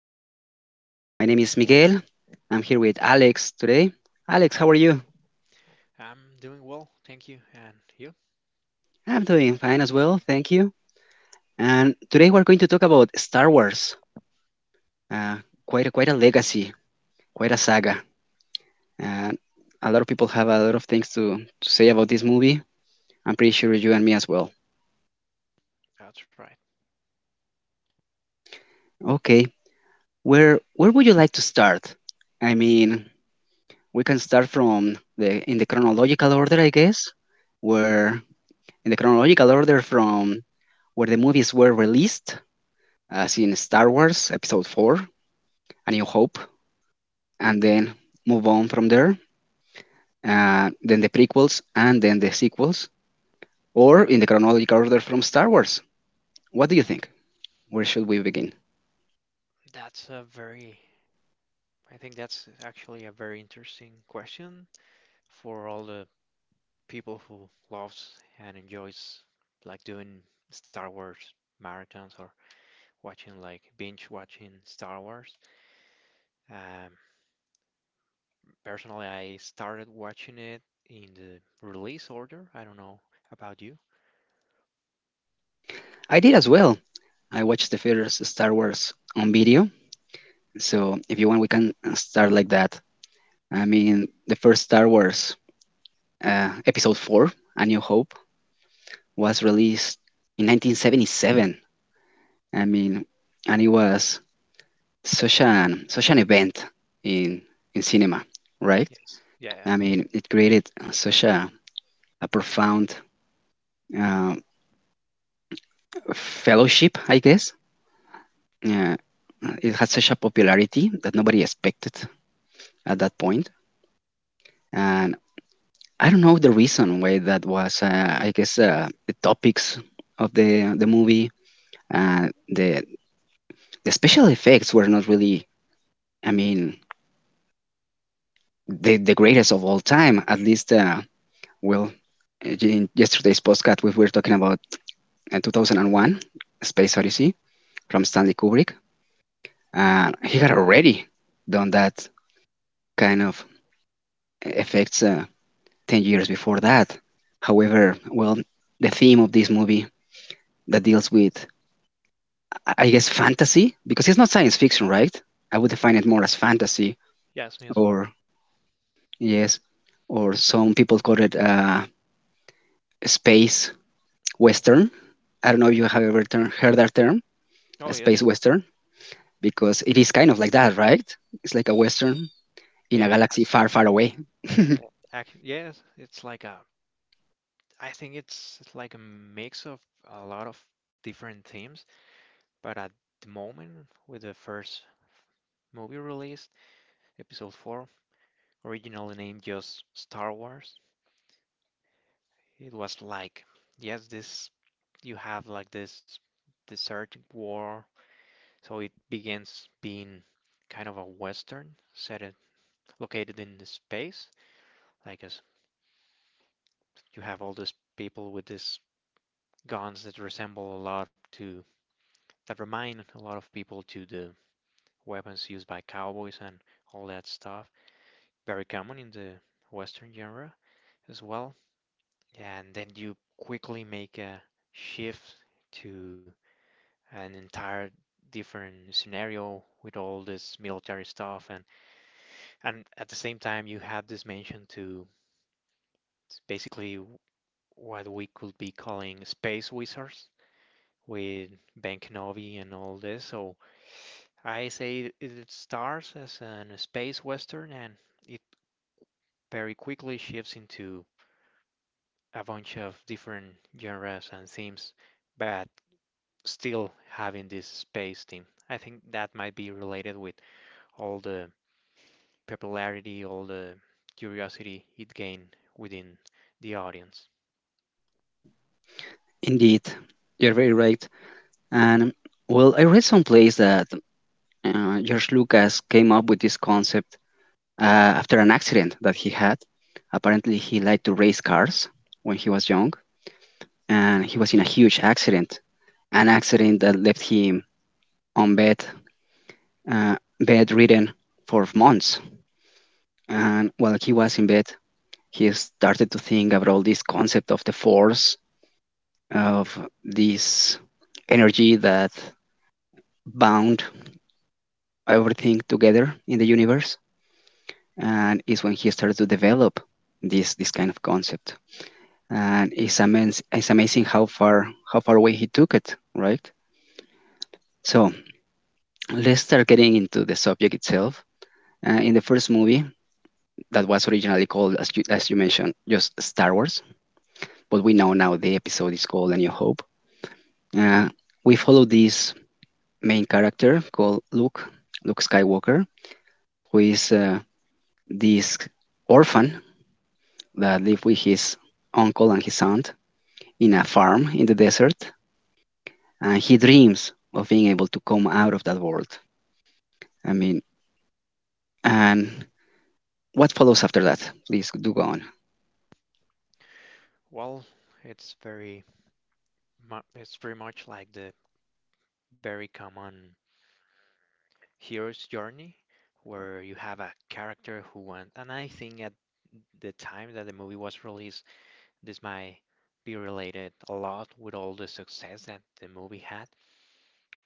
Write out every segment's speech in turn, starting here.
movies. My name is Miguel. I'm here with Alex today. Alex, Hi, how are you? I'm doing well, thank you. And you? I'm doing fine as well. Thank you. And today we're going to talk about Star Wars. Uh, quite a legacy, quite a saga. And a lot of people have a lot of things to say about this movie. I'm pretty sure you and me as well. That's right. Okay, where would you like to start? I mean, we can start from the chronological order, I guess. Where in the chronological order from where the movies were released, as in Star Wars Episode 4, A New Hope, and then move on from there, then the prequels, and then the sequels, or in the chronological order from Star Wars. What do you think? Where should we begin? That's a very, I think that's actually a very interesting question for all the people who loves and enjoys like doing Star Wars marathons or watching like binge watching Star Wars. Um, Personally, I started watching it in the release order. I don't know about you. I did as well. I watched the first Star Wars on video, so if you want, we can start like that. I mean, the first Star Wars, Episode 4, A New Hope, was released in 1977. I mean, and it was such an event in in cinema, right? Yes. Yeah. I mean, it created such a profound uh, fellowship, I guess. Uh, it had such a popularity that nobody expected at that point, and I don't know the reason why that was. I guess the topics of the movie, uh, the the special effects were not really. I mean, the greatest of all time, at least. Well, in yesterday's podcast, we were talking about 2001 A Space Odyssey from Stanley Kubrick. And he had already done that kind of effects 10 years before that. However, well, the theme of this movie that deals with, I guess, fantasy, because it's not science fiction, right? I would define it more as fantasy, Yes, me as well. or yes, or some people call it space western. I don't know if you have ever heard that term, Oh, a yes. space western, because it is kind of like that, right? It's like a Western in Yeah, a it galaxy has. far, far away. Uh, Ac yes, it's like a I think it's like a mix of a lot of different themes, but at the moment, with the first movie released, Episode 4, originally named just Star Wars, it was like, yes, this you have like this desert war, so it begins being kind of a western set it located in the space, like as you have all these people with these guns that remind a lot of people to the weapons used by cowboys and all that stuff. Very common in the Western genre as well. And then you quickly make a shift to an entire different scenario with all this military stuff and at the same time you have this mention to basically what we could be calling space wizards with Ben Kenobi and all this. So I say it starts as a space western and it very quickly shifts into a bunch of different genres and themes, but still having this space theme. I think that might be related with all the popularity, all the curiosity it gained within the audience. Indeed, you're very right. And well, I read someplace that George Lucas came up with this concept uh, after an accident that he had. Apparently, he liked to race cars when he was young, and he was in a huge accident, an accident that left him on bed, bedridden for months. And while he was in bed, he started to think about this concept of the force, of this energy that bound everything together in the universe, and is when he started to develop this kind of concept. And it's amazing, it's amazing how far away he took it, right? So let's start getting into the subject itself. In the first movie, that was originally called, as you mentioned, just Star Wars, but we know now the episode is called A New Hope. uh, we follow this main character called Luke, Luke Skywalker, who is this orphan that lives with his uncle and his aunt in a farm in the desert, and he dreams of being able to come out of that world. I mean, and what follows after that? Please do go on. Well, it's very it's very much like the very common hero's journey where you have a character who went, and I think at the time that the movie was released this might be related a lot with all the success that the movie had,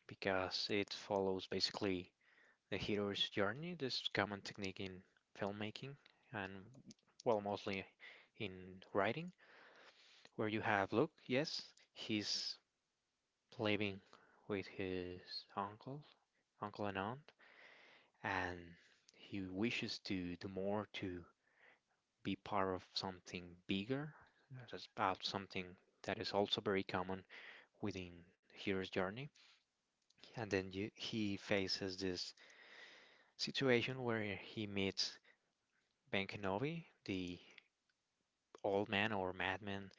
because it follows basically the hero's journey, this common technique in filmmaking and, well, mostly in writing, where you have Luke, yes, he's living with his uncle, uncle and aunt, and he wishes to do more, to be part of something bigger, about something that is also very common within hero's journey. And then he faces this situation where he meets Ben Kenobi, the old man or madman,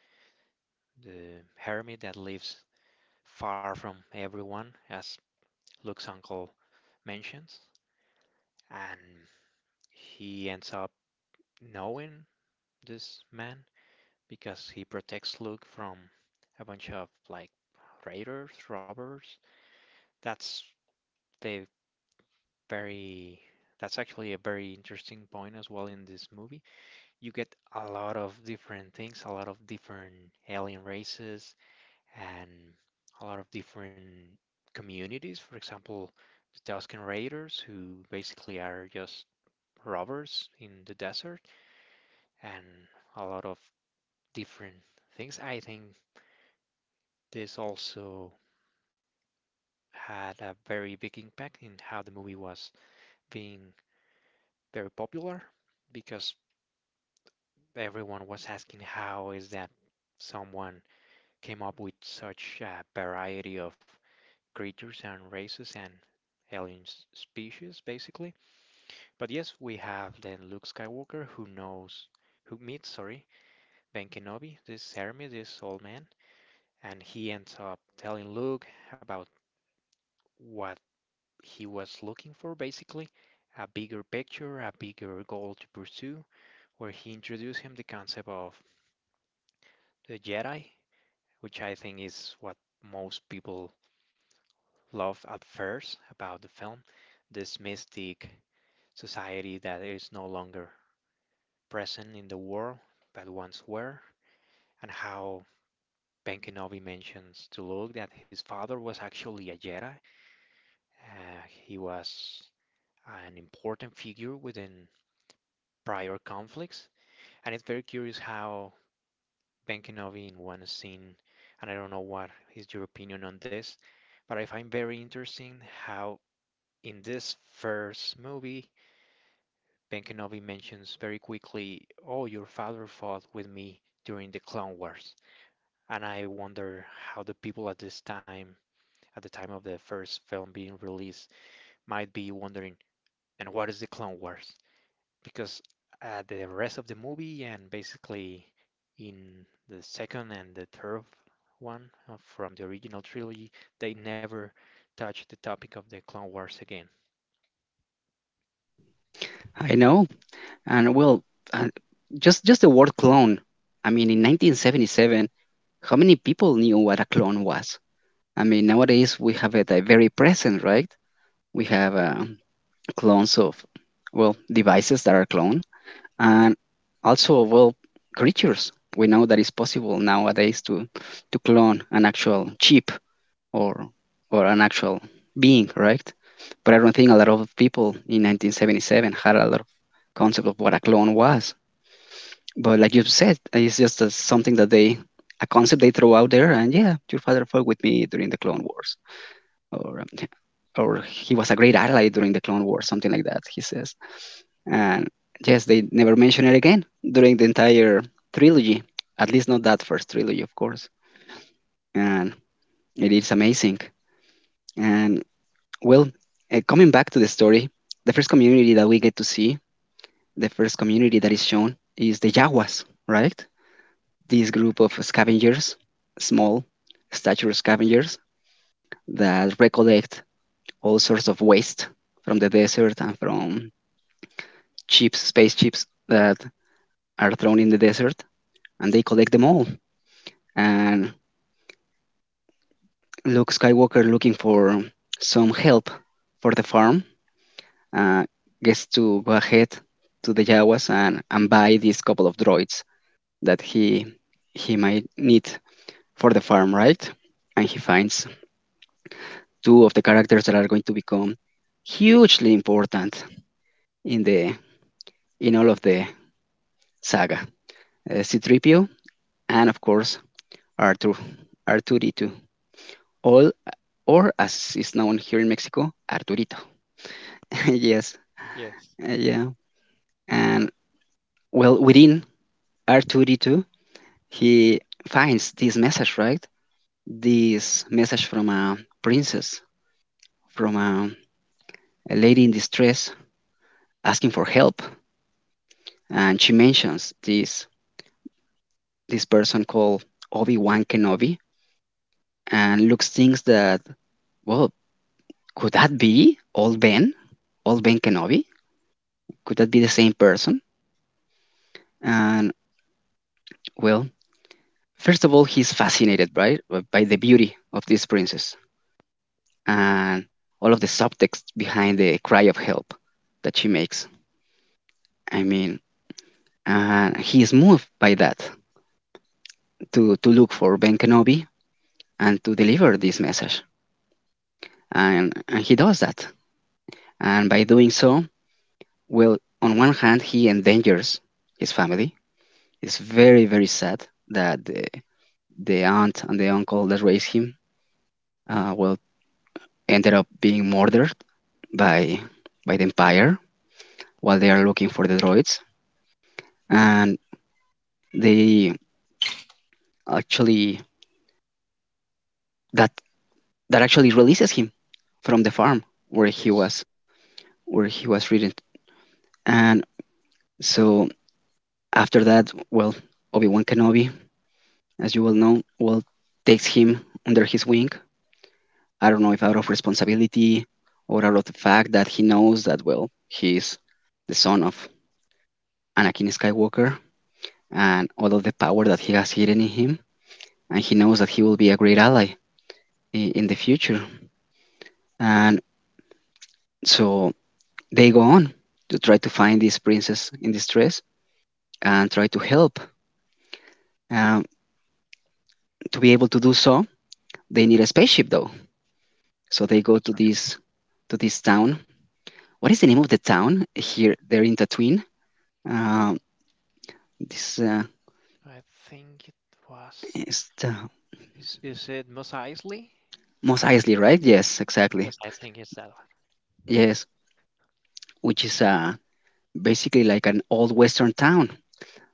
the hermit that lives far from everyone, as Luke's uncle mentions. And he ends up knowing this man because he protects Luke from a bunch of like raiders, robbers. That's the Very, that's actually a very interesting point as well in this movie. You get a lot of different things, a lot of different alien races, and a lot of different communities. For example, the Tusken Raiders, who basically are just robbers in the desert, and a lot of different things. I think this also had a very big impact in how the movie was being very popular, because everyone was asking how is that someone came up with such a variety of creatures and races and alien species, basically. But yes, we have then Luke Skywalker who knows, who meets, sorry, Ben Kenobi, this Hermes, this old man, and he ends up telling Luke about what he was looking for, basically. A bigger picture, a bigger goal to pursue, where he introduced him the concept of the Jedi, which I think is what most people love at first about the film, this mystic society that is no longer present in the world but once were, and how Ben Kenobi mentions to Luke that his father was actually a Jedi. He was an important figure within prior conflicts, and it's very curious how Ben Kenobi in one scene, and I don't know what is your opinion on this, but I find very interesting how in this first movie, Ben Kenobi mentions very quickly, "Oh, your father fought with me during the Clone Wars." And I wonder how the people at this time, at the time of the first film being released, might be wondering, and what is the Clone Wars? Because at the rest of the movie, and basically in the second and the third one from the original trilogy, they never touch the topic of the Clone Wars again. I know, and well, uh, just the word clone. I mean, in 1977, how many people knew what a clone was? I mean, nowadays we have it very present, right? We have clones of, well, devices that are cloned, and also, well, creatures. We know that it's possible nowadays to clone an actual chip or or an actual being, right? But I don't think a lot of people in 1977 had a lot of concept of what a clone was. But like you said, it's just a, something that they a concept they throw out there, and yeah, your father fought with me during the Clone Wars, or um, or he was a great ally during the Clone Wars, something like that. He says, and yes, they never mention it again during the entire trilogy, at least not that first trilogy, of course. And it is amazing. And well, coming back to the story, the first community that we get to see, the first community that is shown, is the Jawas, right? This group of scavengers, small stature scavengers, that recollect all sorts of waste from the desert and from ships, space ships that are thrown in the desert, and they collect them all. And Luke Skywalker, looking for some help for the farm, uh, gets to go ahead to the Jawas and buy these couple of droids that he might need for the farm, right? And he finds two of the characters that are going to become hugely important in the in all of the saga. C-3PO and of course R2 R2D2. All or as is known here in Mexico, Arturito. Yes. Yes. Yeah. And well, within R2D2, he finds this message, right? This message from a princess, from a lady in distress asking for help. And she mentions this person called Obi Wan Kenobi, and looks thinks that, well, could that be old Ben? Old Ben Kenobi? Could that be the same person? And well, first of all, he's fascinated, right, by the beauty of this princess Yes, and all of the subtext behind the cry of help that she makes. I mean, he is moved by that to look for Ben Kenobi and to deliver this message. And he does that. And by doing so, well, on one hand, he endangers his family. It's very, very sad that the aunt and the uncle that raised him, well, ended up being murdered by, by the Empire while they are looking for the droids. And they actually that that actually releases him from the farm where he yes, was where he was ridden. And so after that, well, Obi Wan Kenobi, as you well know, well takes him under his wing. I don't know if out of responsibility or out of the fact that he knows that well he's the son of Anakin Skywalker and all of the power that he has hidden in him, and he knows that he will be a great ally in the future. And so they go on to try to find this princess in distress and try to help. Um, to be able to do so, they need a spaceship, though. So they go that's to this town. What is the name of the town here? They're in Tatooine. Um, this I think it was. is the Is it Mos Eisley? Mos I Eisley, right? Yes, yes, exactly. I think it's that one. Yes, which is basically like an old western town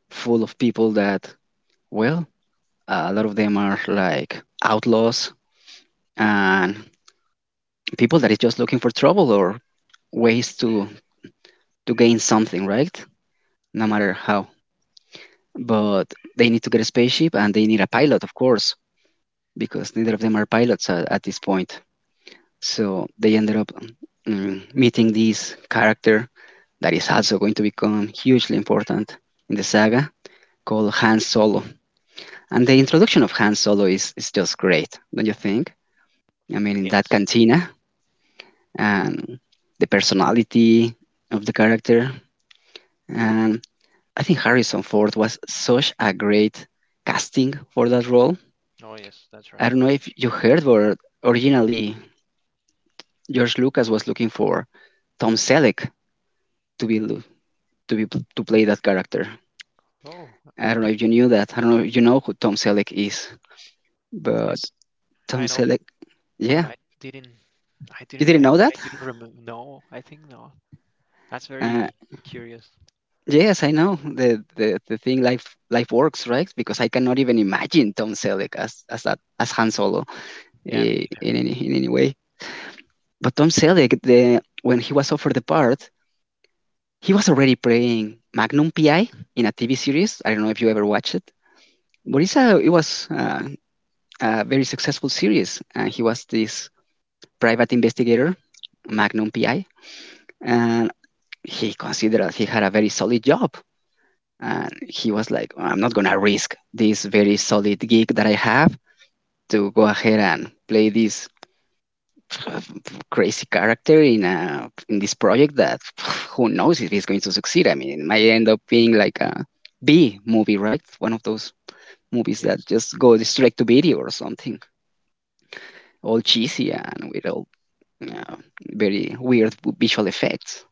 full of people that, well, a lot of them are like outlaws and people that is just looking for trouble or ways to gain something, right? No Oh, matter how. But they need to get a spaceship and they need a pilot, of course, because neither of them are pilots at this point. So they ended up meeting this character that is also going to become hugely important in the saga, called Han Solo. And the introduction of Han Solo is just great, don't you think? I mean, in that yes. cantina and the personality of the character. And I think Harrison Ford was such a great casting for that role. Oh, yes, that's right. I don't know if you heard, but originally George Lucas was looking for Tom Selleck to be to play that character. Oh, I don't know if you knew that. I don't know if you know who Tom Selleck is, yes, but I Tom know him, Selleck, but yeah, didn't. I you didn't. I didn't think know I that. didn't remember. No, I think no. That's very Uh, curious. yes, I know the, the thing life works, right? Because I cannot even imagine Tom Selleck as that as Han Solo, Yeah, me neither. in any way. But Tom Selleck, the, when he was offered the part, he was already playing Magnum PI in a TV series. I don't know if you ever watched it, but it's a, it was a very successful series. And he was this private investigator, Magnum PI, and he considered that he had a very solid job. And he was like, "Well, I'm not going to risk this very solid gig that I have to go ahead and play this crazy character in a in this project that who knows if he's going to succeed. I mean, it might end up being like a B movie, right? One of those movies that Yes. just go straight to video or something, all cheesy and with all uh, very weird visual effects.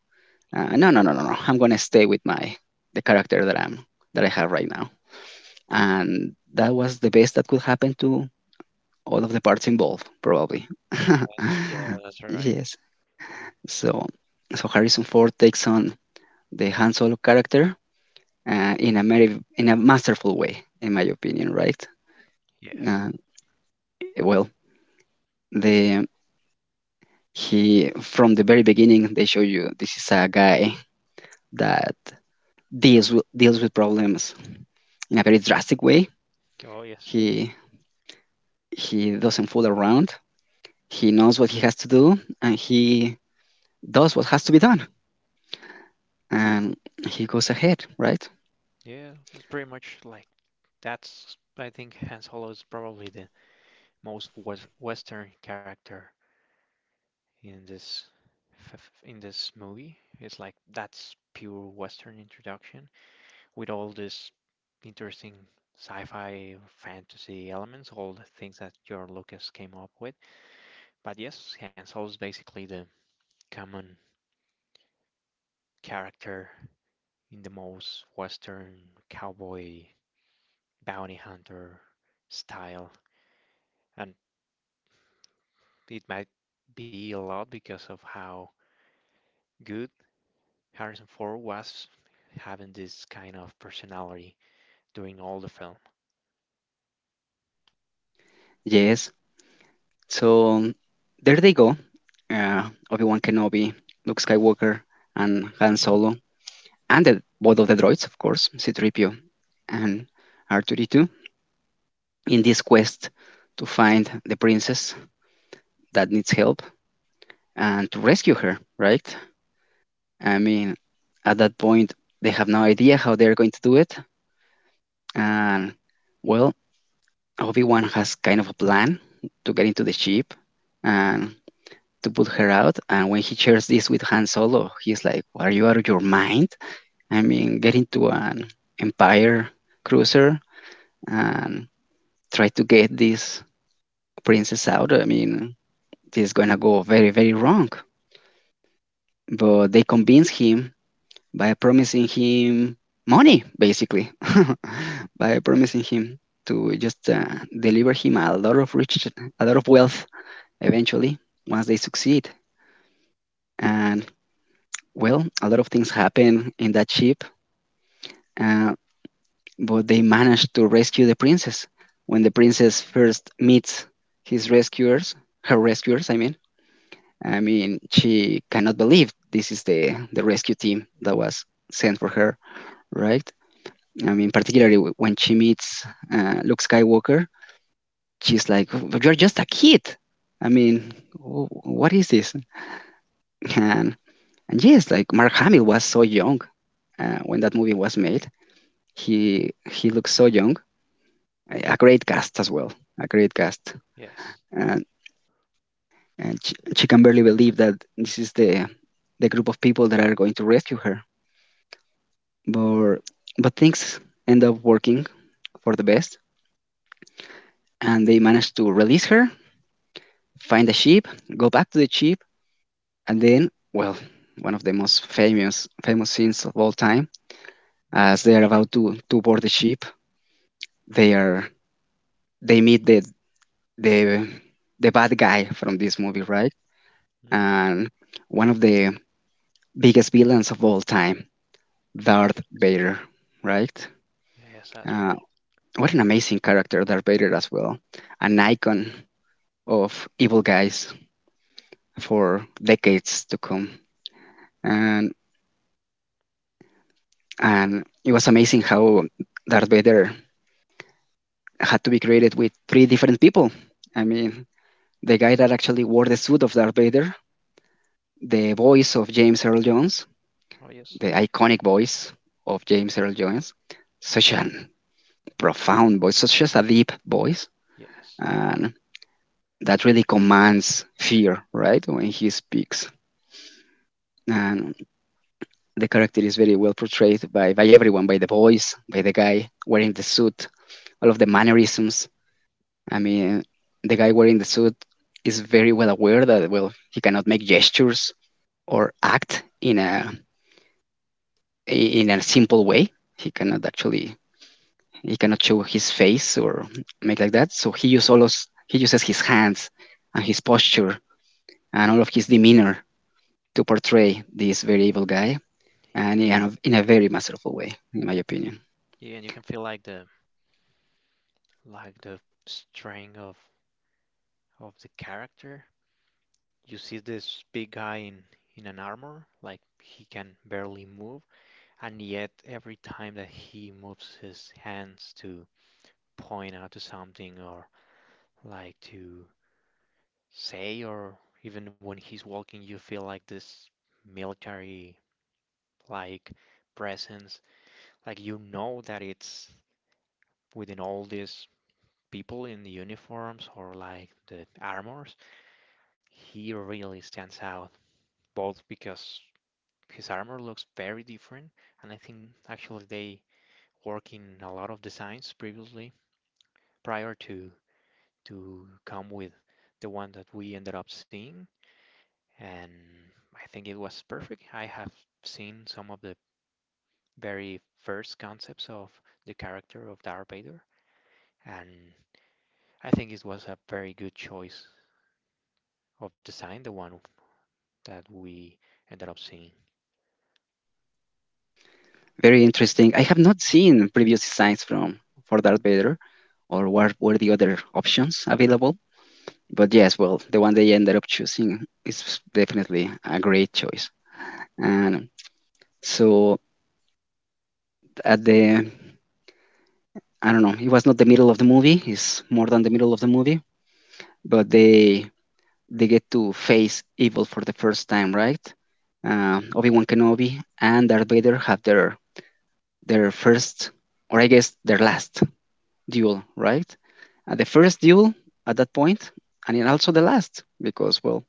Yeah, No, no, no, no, no. I'm gonna stay with my the character that I have right now," and that was the best that could happen to all of the parts involved, probably. Yeah, that's right. Yes. So so Harrison Ford takes on the Han Solo character in a masterful way, in my opinion, right? Yes. Uh, well, the he from the very beginning they show you this is a guy that deals with problems in a very drastic way. Oh, yes. He he doesn't fool around. He knows what he has to do, and he does what has to be done, and he goes ahead, right? Yeah, it's pretty much like that's. I think Hans Solo is probably the most Western character in f- in this movie. It's like that's pure Western introduction with all this interesting sci-fi fantasy elements, all the things that George Lucas came up with. But yes, Han Solo is basically the common character in the most Western cowboy bounty hunter style, and it might be a lot because of how good Harrison Ford was having this kind of personality doing all the film. Yes. So there they go. Obi Wan Kenobi, Luke Skywalker, and Han Solo, and both of the droids, of course, C3PO and R2D2, in this quest to find the princess that needs help and to rescue her, right? I mean, at that point, they have no idea how they're going to do it. And, well, Obi Wan has kind of a plan to get into the ship and to put her out. And when he shares this with Han Solo, he's like, "Are you out of your mind? I mean, get into an Empire cruiser and try to get this princess out. I mean, this is gonna go very, very wrong." But they convince him by promising him money, basically, by promising him to just deliver him a lot of rich, a lot of wealth eventually once they succeed. And well, a lot of things happen in that ship. Uh, but they manage to rescue the princess. When the princess first meets his rescuers, her rescuers, I mean, she cannot believe this is the rescue team that was sent for her, right? I mean, particularly when she meets Luke Skywalker, she's like, "But you're just a kid." I mean, what is this? And and yes, like Mark Hamill was so young when that movie was made. He looks so young. A great cast as well. A great cast. Yes, and, and she can barely believe that this is the group of people that are going to rescue her. But but things end up working for the best, and they manage to release her, find the ship, go back to the ship, and then, well, one of the most famous scenes of all time, as they are that's about right. to board the ship, they are they meet the the bad guy from this movie, right? Hmm. And one of the biggest villains of all time. Darth Yes. Vader, right? Yes, that's Uh, right. what an amazing character, Darth Vader, as well. An icon of evil guys for decades to come. And, and it was amazing how Darth Vader had to be created with three different people. I mean, the guy that actually wore the suit of Darth Vader, the voice of James Earl Jones, Oh, yes. the iconic voice of James Earl Jones, such an profound voice, such as a deep voice. Yes. And that really commands fear, right? When he speaks. And the character is very well portrayed by everyone, by the boys, by the guy wearing the suit, all of the mannerisms. I mean, the guy wearing the suit is very well aware that, well, he cannot make gestures or act in a simple way. He cannot actually he cannot show his face or make like that. So he he uses his hands and his posture and all of his demeanor to portray this very evil guy, Yeah. and in a very masterful way, in my opinion. Yeah, and you can feel like the strength of the character. You see this big guy in an armor, like he can barely move, and yet every time that he moves his hands to point out to something or like to say, or even when he's walking, you feel like this military like presence, like you know that it's within all these people in the uniforms or like the armors. He really stands out, both because his armor looks very different, and I think actually they work in a lot of designs previously, prior to come with the one that we ended up seeing, and I think it was perfect. I have seen some of the very first concepts of the character of Darth Vader, and I think it was a very good choice of design, the one that we ended up seeing. Very interesting. I have not seen previous designs from for Darth Vader, or what were the other options available. But yes, well, the one they ended up choosing is definitely a great choice. And so at the, I don't know, it was not the middle of the movie. It's more than the middle of the movie, but they get to face evil for the first time, right? Obi Wan Kenobi and Darth Vader have their first, or I guess their last, duel, right? The first duel at that point, and then also the last, because, well,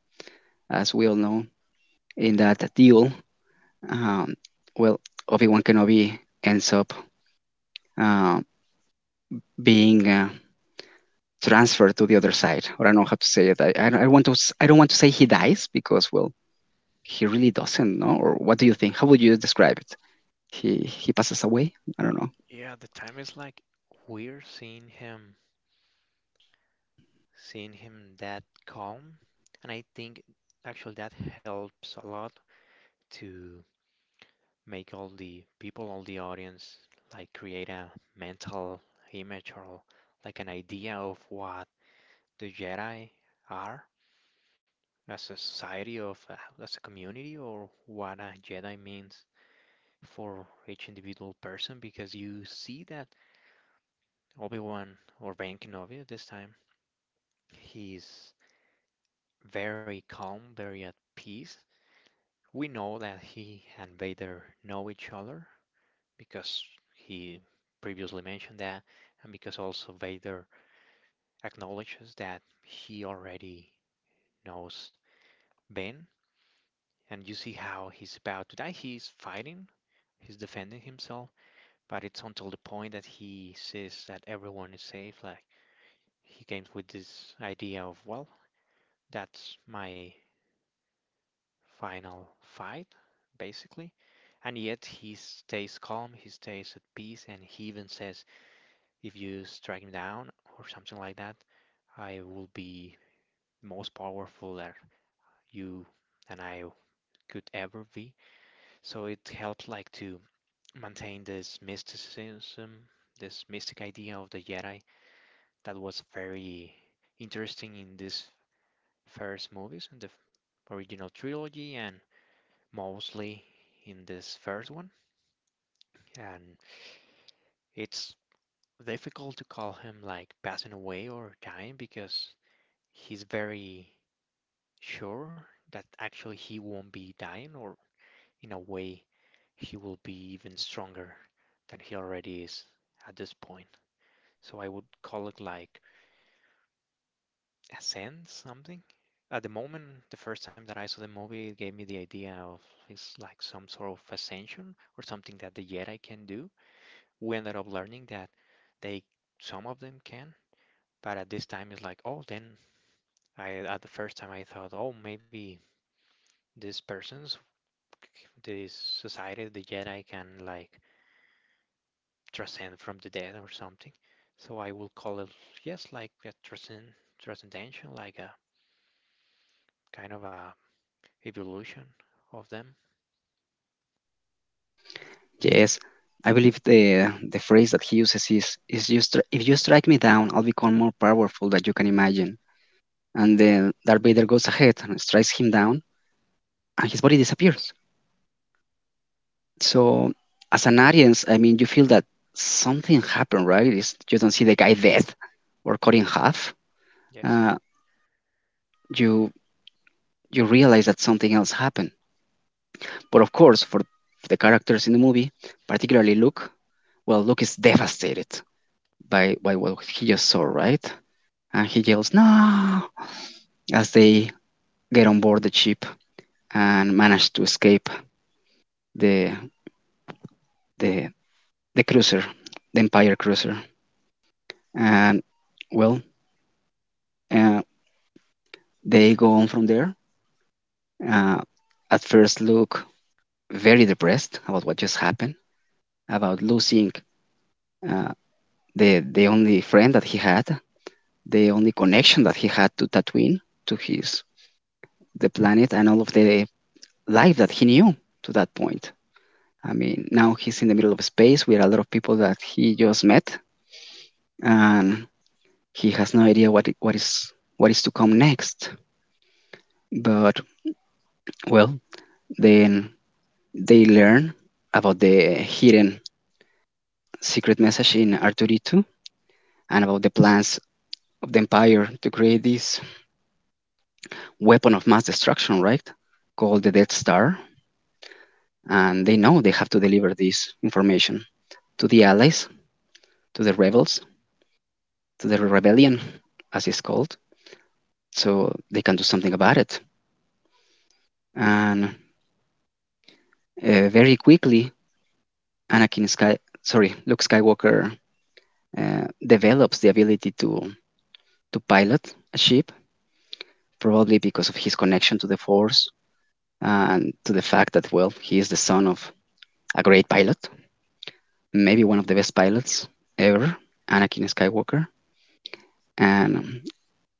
as we all know, in that duel, um, well, Obi Wan Kenobi ends up uh, being transferred to the other side, or I don't know how to say it. I I don't want to say he dies because, well, he really doesn't, no? Or what do you think? How would you describe it? He passes away? I don't know. Yeah, the time is like we're seeing him that calm, and I think actually that helps a lot to make all the people, all the audience, like create a mental image or like an idea of what the Jedi are as a society of, as a community, or what a Jedi means for each individual person, because you see that Obi-Wan or Ben Kenobi at this time, he's very calm, very at peace. We know that he and Vader know each other, because he previously mentioned that, and because also Vader acknowledges that he already knows Ben. And you see how he's about to die. He's fighting, he's defending himself, but it's until the point that he sees that everyone is safe, like he came with this idea of, well, that's my final fight, basically. And yet he stays calm, he stays at peace, and he even says, if you strike me down or something like that, I will be most powerful that you and I could ever be. So it helps like to maintain this mysticism, this mystic idea of the Jedi that was very interesting in this first movies in original trilogy, and mostly in this first one. And it's difficult to call him like passing away or dying, because he's very sure that actually he won't be dying, or in a way, he will be even stronger than he already is at this point. So I would call it like a sense something. At the moment, the first time that I saw the movie, it gave me the idea of it's like some sort of ascension or something that the Jedi can do. We ended up learning that they, some of them can, but at this time it's like, oh, then at the first time I thought, oh, maybe these persons, this society, the Jedi can like transcend from the dead or something. So I will call it, yes, like a transcendental, like a kind of a evolution of them. Yes. I believe the phrase that he uses is, if you strike me down, I'll become more powerful than you can imagine. And then Darth Vader goes ahead and strikes him down, and his body disappears. So as an audience, I mean, you feel that something happened, right? You don't see the guy dead or cut in half. Yes, Uh, you realize that something else happened. But of course, for the characters in the movie, particularly Luke, well, Luke is devastated by what he just saw, right? And he yells, "No," as they get on board the ship and manage to escape the, the, the cruiser, the Empire cruiser. And, well, uh, they go on from there. Uh, at first, Luke very depressed about what just happened, about losing uh, the only friend that he had, the only connection that he had to Tatooine, to his the planet, and all of the life that he knew to that point. I mean, now he's in the middle of space with a lot of people that he just met, and he has no idea what is to come next. But, well, then they learn about the hidden secret message in R2D2 and about the plans of the Empire to create this weapon of mass destruction, right? Called the Death Star. And they know they have to deliver this information to the allies, to the rebels, to the rebellion, as it's called, so they can do something about it. And very quickly, Luke Skywalker develops the ability to pilot a ship, probably because of his connection to the Force and to the fact that, well, he is the son of a great pilot, maybe one of the best pilots ever, Anakin Skywalker. And,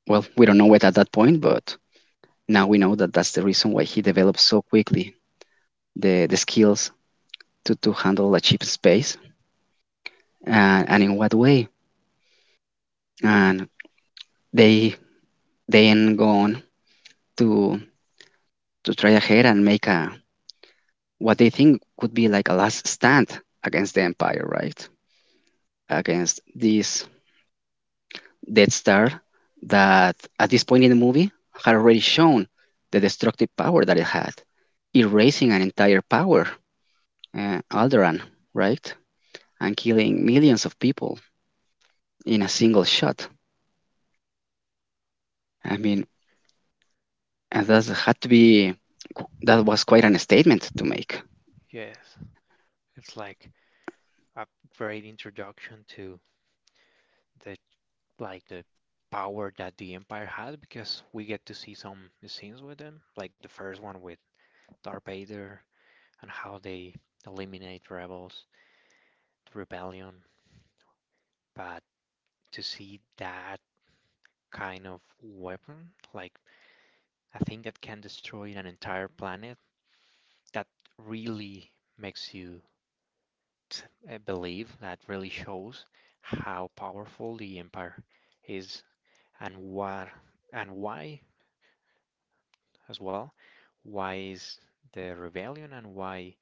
well, we don't know it at that point, but now we know that that's the reason why he developed so quickly the skills to handle a cheap space, and in what way. And they then go on to, to try ahead and make a what they think could be like a last stand against the Empire, right? Against this Death Star that at this point in the movie had already shown the destructive power that it had, erasing an entire power, Alderaan, right? And killing millions of people in a single shot. I mean, and that was quite an statement to make. yes. It's like a great introduction to the the power that the Empire had, because we get to see some scenes with them, like the first one with Darth Vader, and how they eliminate rebels, the rebellion. But to see that kind of weapon, like a thing that can destroy an entire planet, that really makes you believe, that really shows how powerful the empire is, and what and why as well why is the rebellion, and why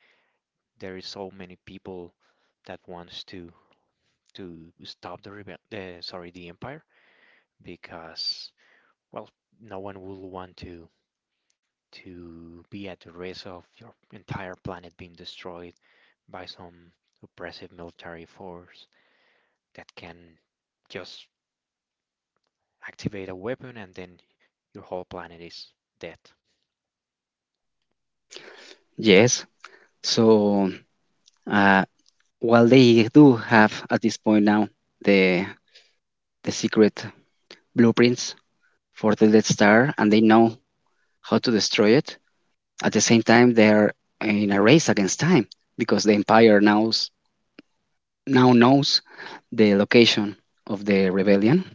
there is so many people that wants to stop the rebel uh, sorry the empire, because well, no one will want to be at the risk of your entire planet being destroyed by some oppressive military force that can just activate a weapon, and then your whole planet is dead. Yes. So uh, while they do have at this point now the secret blueprints for the Death Star and they know how to destroy it, at the same time they're in a race against time because the Empire knows now knows the location of the rebellion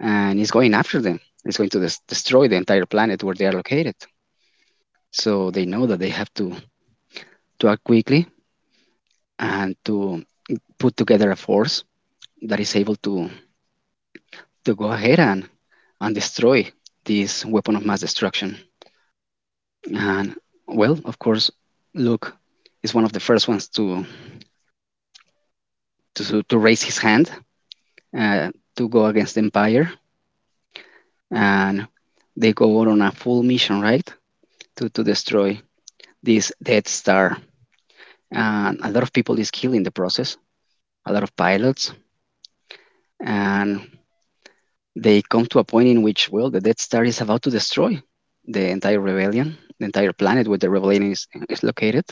and is going after them. It's going to destroy the entire planet where they are located. So they know that they have to act quickly and to put together a force that is able to go ahead and destroy this weapon of mass destruction. And, well, of course, Luke is one of the first ones to raise his hand uh, to go against the Empire. And they go on a full mission, right? To destroy this Death Star. And a lot of people is killed in the process, a lot of pilots. And they come to a point in which, well, the Death Star is about to destroy the entire rebellion, the entire planet where the rebellion is located.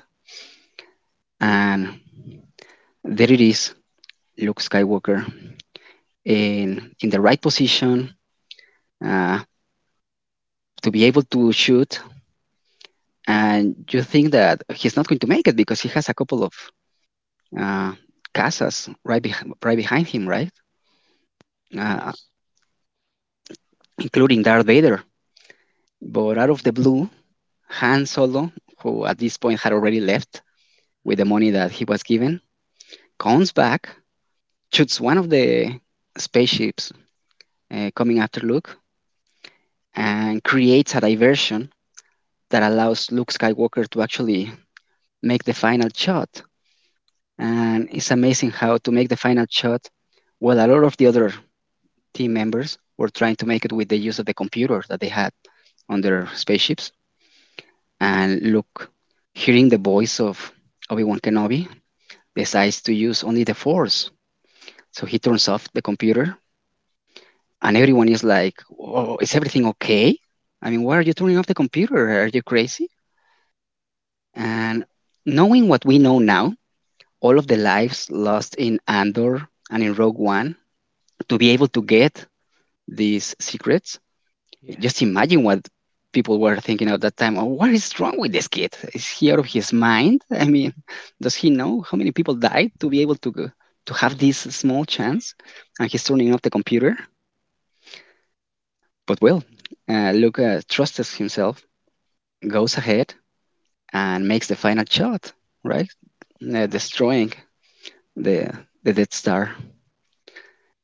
And there it is, Luke Skywalker in the right position uh, to be able to shoot. And you think that he's not going to make it because he has a couple of uh, casas right, beh right behind him, right? Uh, Yes. including Darth Vader. But out of the blue, Han Solo, who at this point had already left with the Hmm. money that he was given, comes back, shoots one of the spaceships coming after Luke, and creates a diversion that allows Luke Skywalker to actually make the final shot. And it's amazing how to make the final shot while a lot of the other team members were trying to make it with the use of the computer that they had on their spaceships. And Luke, hearing the voice of Obi Wan Kenobi, decides to use only the Force. So he turns off the computer and everyone is like, "Oh, is everything okay? I mean, why are you turning off the computer? Are you crazy?" And knowing what we know now, all of the lives lost in Andor and in Rogue One, to be able to get these secrets, just Yes. imagine what people were thinking at that time. Oh, what is wrong with this kid? Is he out of his mind? I mean, does he know how many people died to be able to to have this small chance? And he's turning off the computer. But well, Luke trusts himself, goes ahead and makes the final shot, right? Uh, That's right. destroying the the Death Star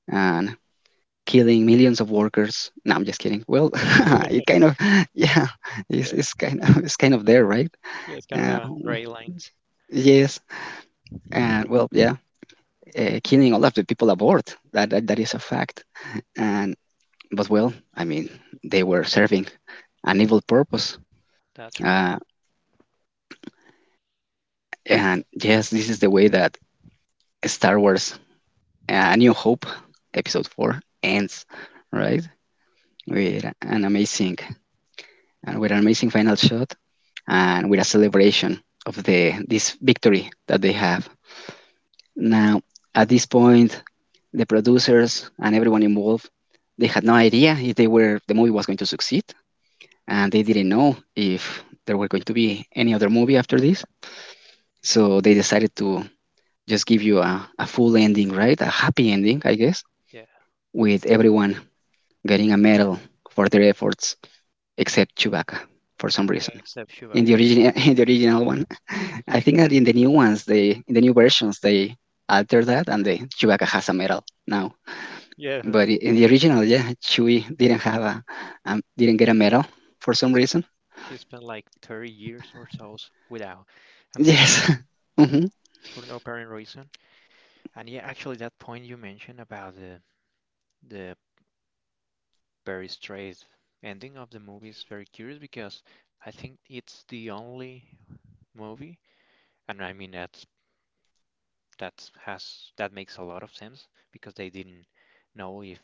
and killing millions of workers. No, I'm just kidding. Well, it kind of yeah, it's, Yeah. it's kind of it's kind of there, right? Yeah, it's kind of Uh, a we- gray line. yes, and well, yeah, killing all of the people aboard. That is a fact. And but well, I mean, they were serving an evil purpose. That's right. Uh, and yes, this is the way that Star Wars A New Hope, episode 4, ends, right, Yeah. with an amazing — and with an amazing final shot and with a celebration of the this victory that they have. Now, at this point, the producers and everyone involved, they had no idea if they were the movie was going to succeed, and they didn't know if there were going to be any other movie after this. So they decided to just give you a full ending, right? A happy ending, I guess, Yeah. with everyone getting a medal for their efforts, except Chewbacca for some reason. Except In Chewbacca, the yeah. original, in the original one, I think that in the new ones, they in the new versions they alter that, and the Chewbacca has a medal now. Yeah. But in the original, yeah, Chewie didn't have a, didn't get a medal for some He's reason. he spent like 30 years or so without a medal Yes, hmm for no apparent reason. And yeah, actually that point you mentioned about the very straight ending of the movie is very curious, because I think it's the only movie, and I mean that makes a lot of sense, because they didn't know if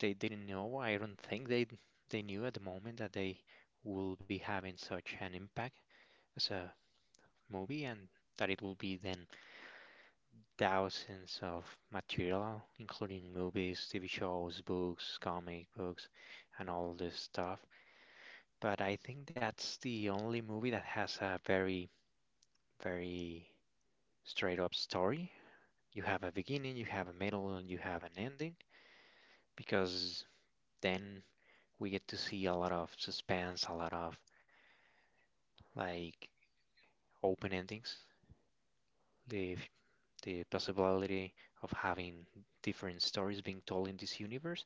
they didn't know. I don't think they knew at the moment that they will be having such an impact as a movie, and that it will be then thousands of material, including movies, TV shows, books, comic books, and all this stuff. But I think that's the only movie that has a very, very straight up story. You have a beginning, you have a middle, and you have an ending, because then we get to see a lot of suspense, a lot of like open endings, the the possibility of having different stories being told in this universe.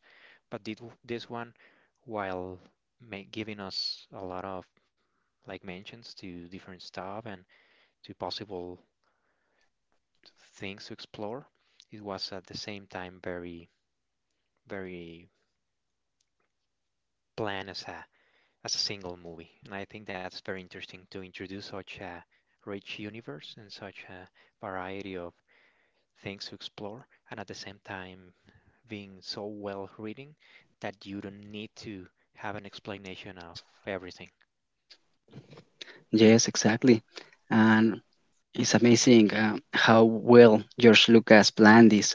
But did this one, while ma giving us a lot of like mentions to different stuff and to possible things to explore, it was at the same time very, very plan as a single movie. And I think that's very interesting to introduce such a rich universe and such a variety of things to explore, and at the same time being so well written that you don't need to have an explanation of everything. yes, exactly, and it's amazing how well George Lucas planned this.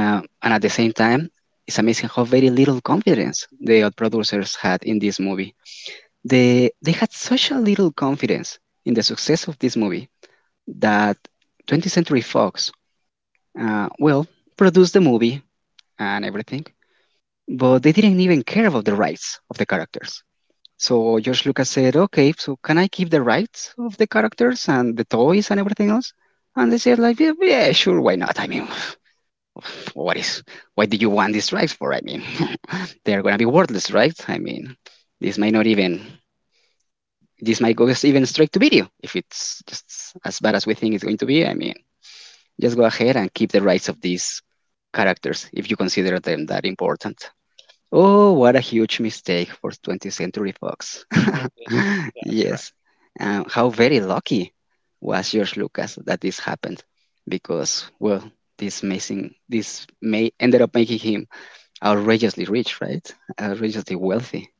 And at the same time, it's amazing how very little confidence the odd producers had in this movie. They had such a little confidence in the success of this movie that 20th Century Fox, well, produced the movie and everything, but they didn't even care about the rights of the characters. So George Lucas said, okay, so can I keep the rights of the characters and the toys and everything else? And they said, like, yeah, yeah, sure, why not? I mean, what is, what do you want these rights for? I mean, they're gonna be worthless, right? I mean, this might not even this might go even straight to video if it's just as bad as we think it's going to be. I mean, just go ahead and keep the rights of these characters if you consider them that important. Oh, what a huge mistake for 20th Century Fox. Oh, yes, that's right. Yes, how very lucky was George Lucas that this happened, because well, this amazing this may ended up making him outrageously rich, right? Outrageously wealthy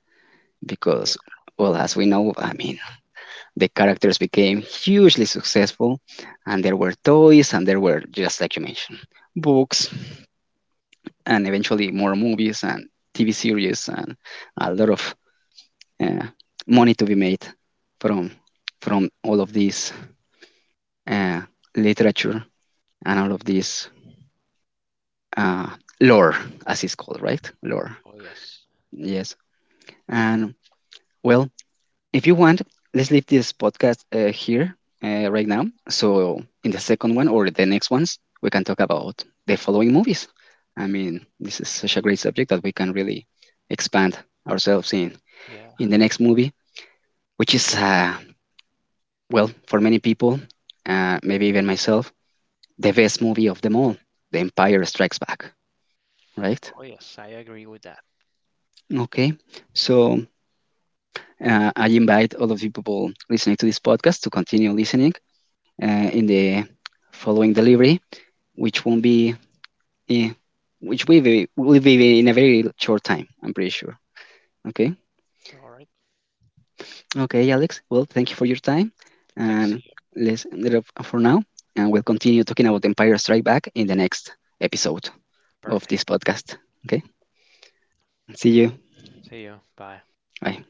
Yeah. because, well, as we know, I mean, the characters became hugely successful, and there were toys, and there were, just like you mentioned, books, and eventually more movies and TV series, and a lot of uh, money to be made from from all of this uh, literature and all of this uh, lore, as it's called, right? Lore, Oh, yes. yes. And well, if you want, let's leave this podcast here right now. So in the second one or the next ones, we can talk about the following movies. I mean, this is such a great subject that we can really expand ourselves in Yeah. in the next movie, which is well, for many people, maybe even myself, the best movie of them all, The Empire Strikes Back. Right? Oh, yes. I agree with that. Okay. So. I invite all of you people listening to this podcast to continue listening in the following delivery, which won't be, eh, which will be in a very short time, I'm pretty sure. Okay. All right. Okay, Alex. Well, thank you for your time, Thanks. See and you. let's end it up for now. And we'll continue talking about Empire Strike Back in the next episode of this Perfect. podcast. Okay. See you. See you. Bye. Bye.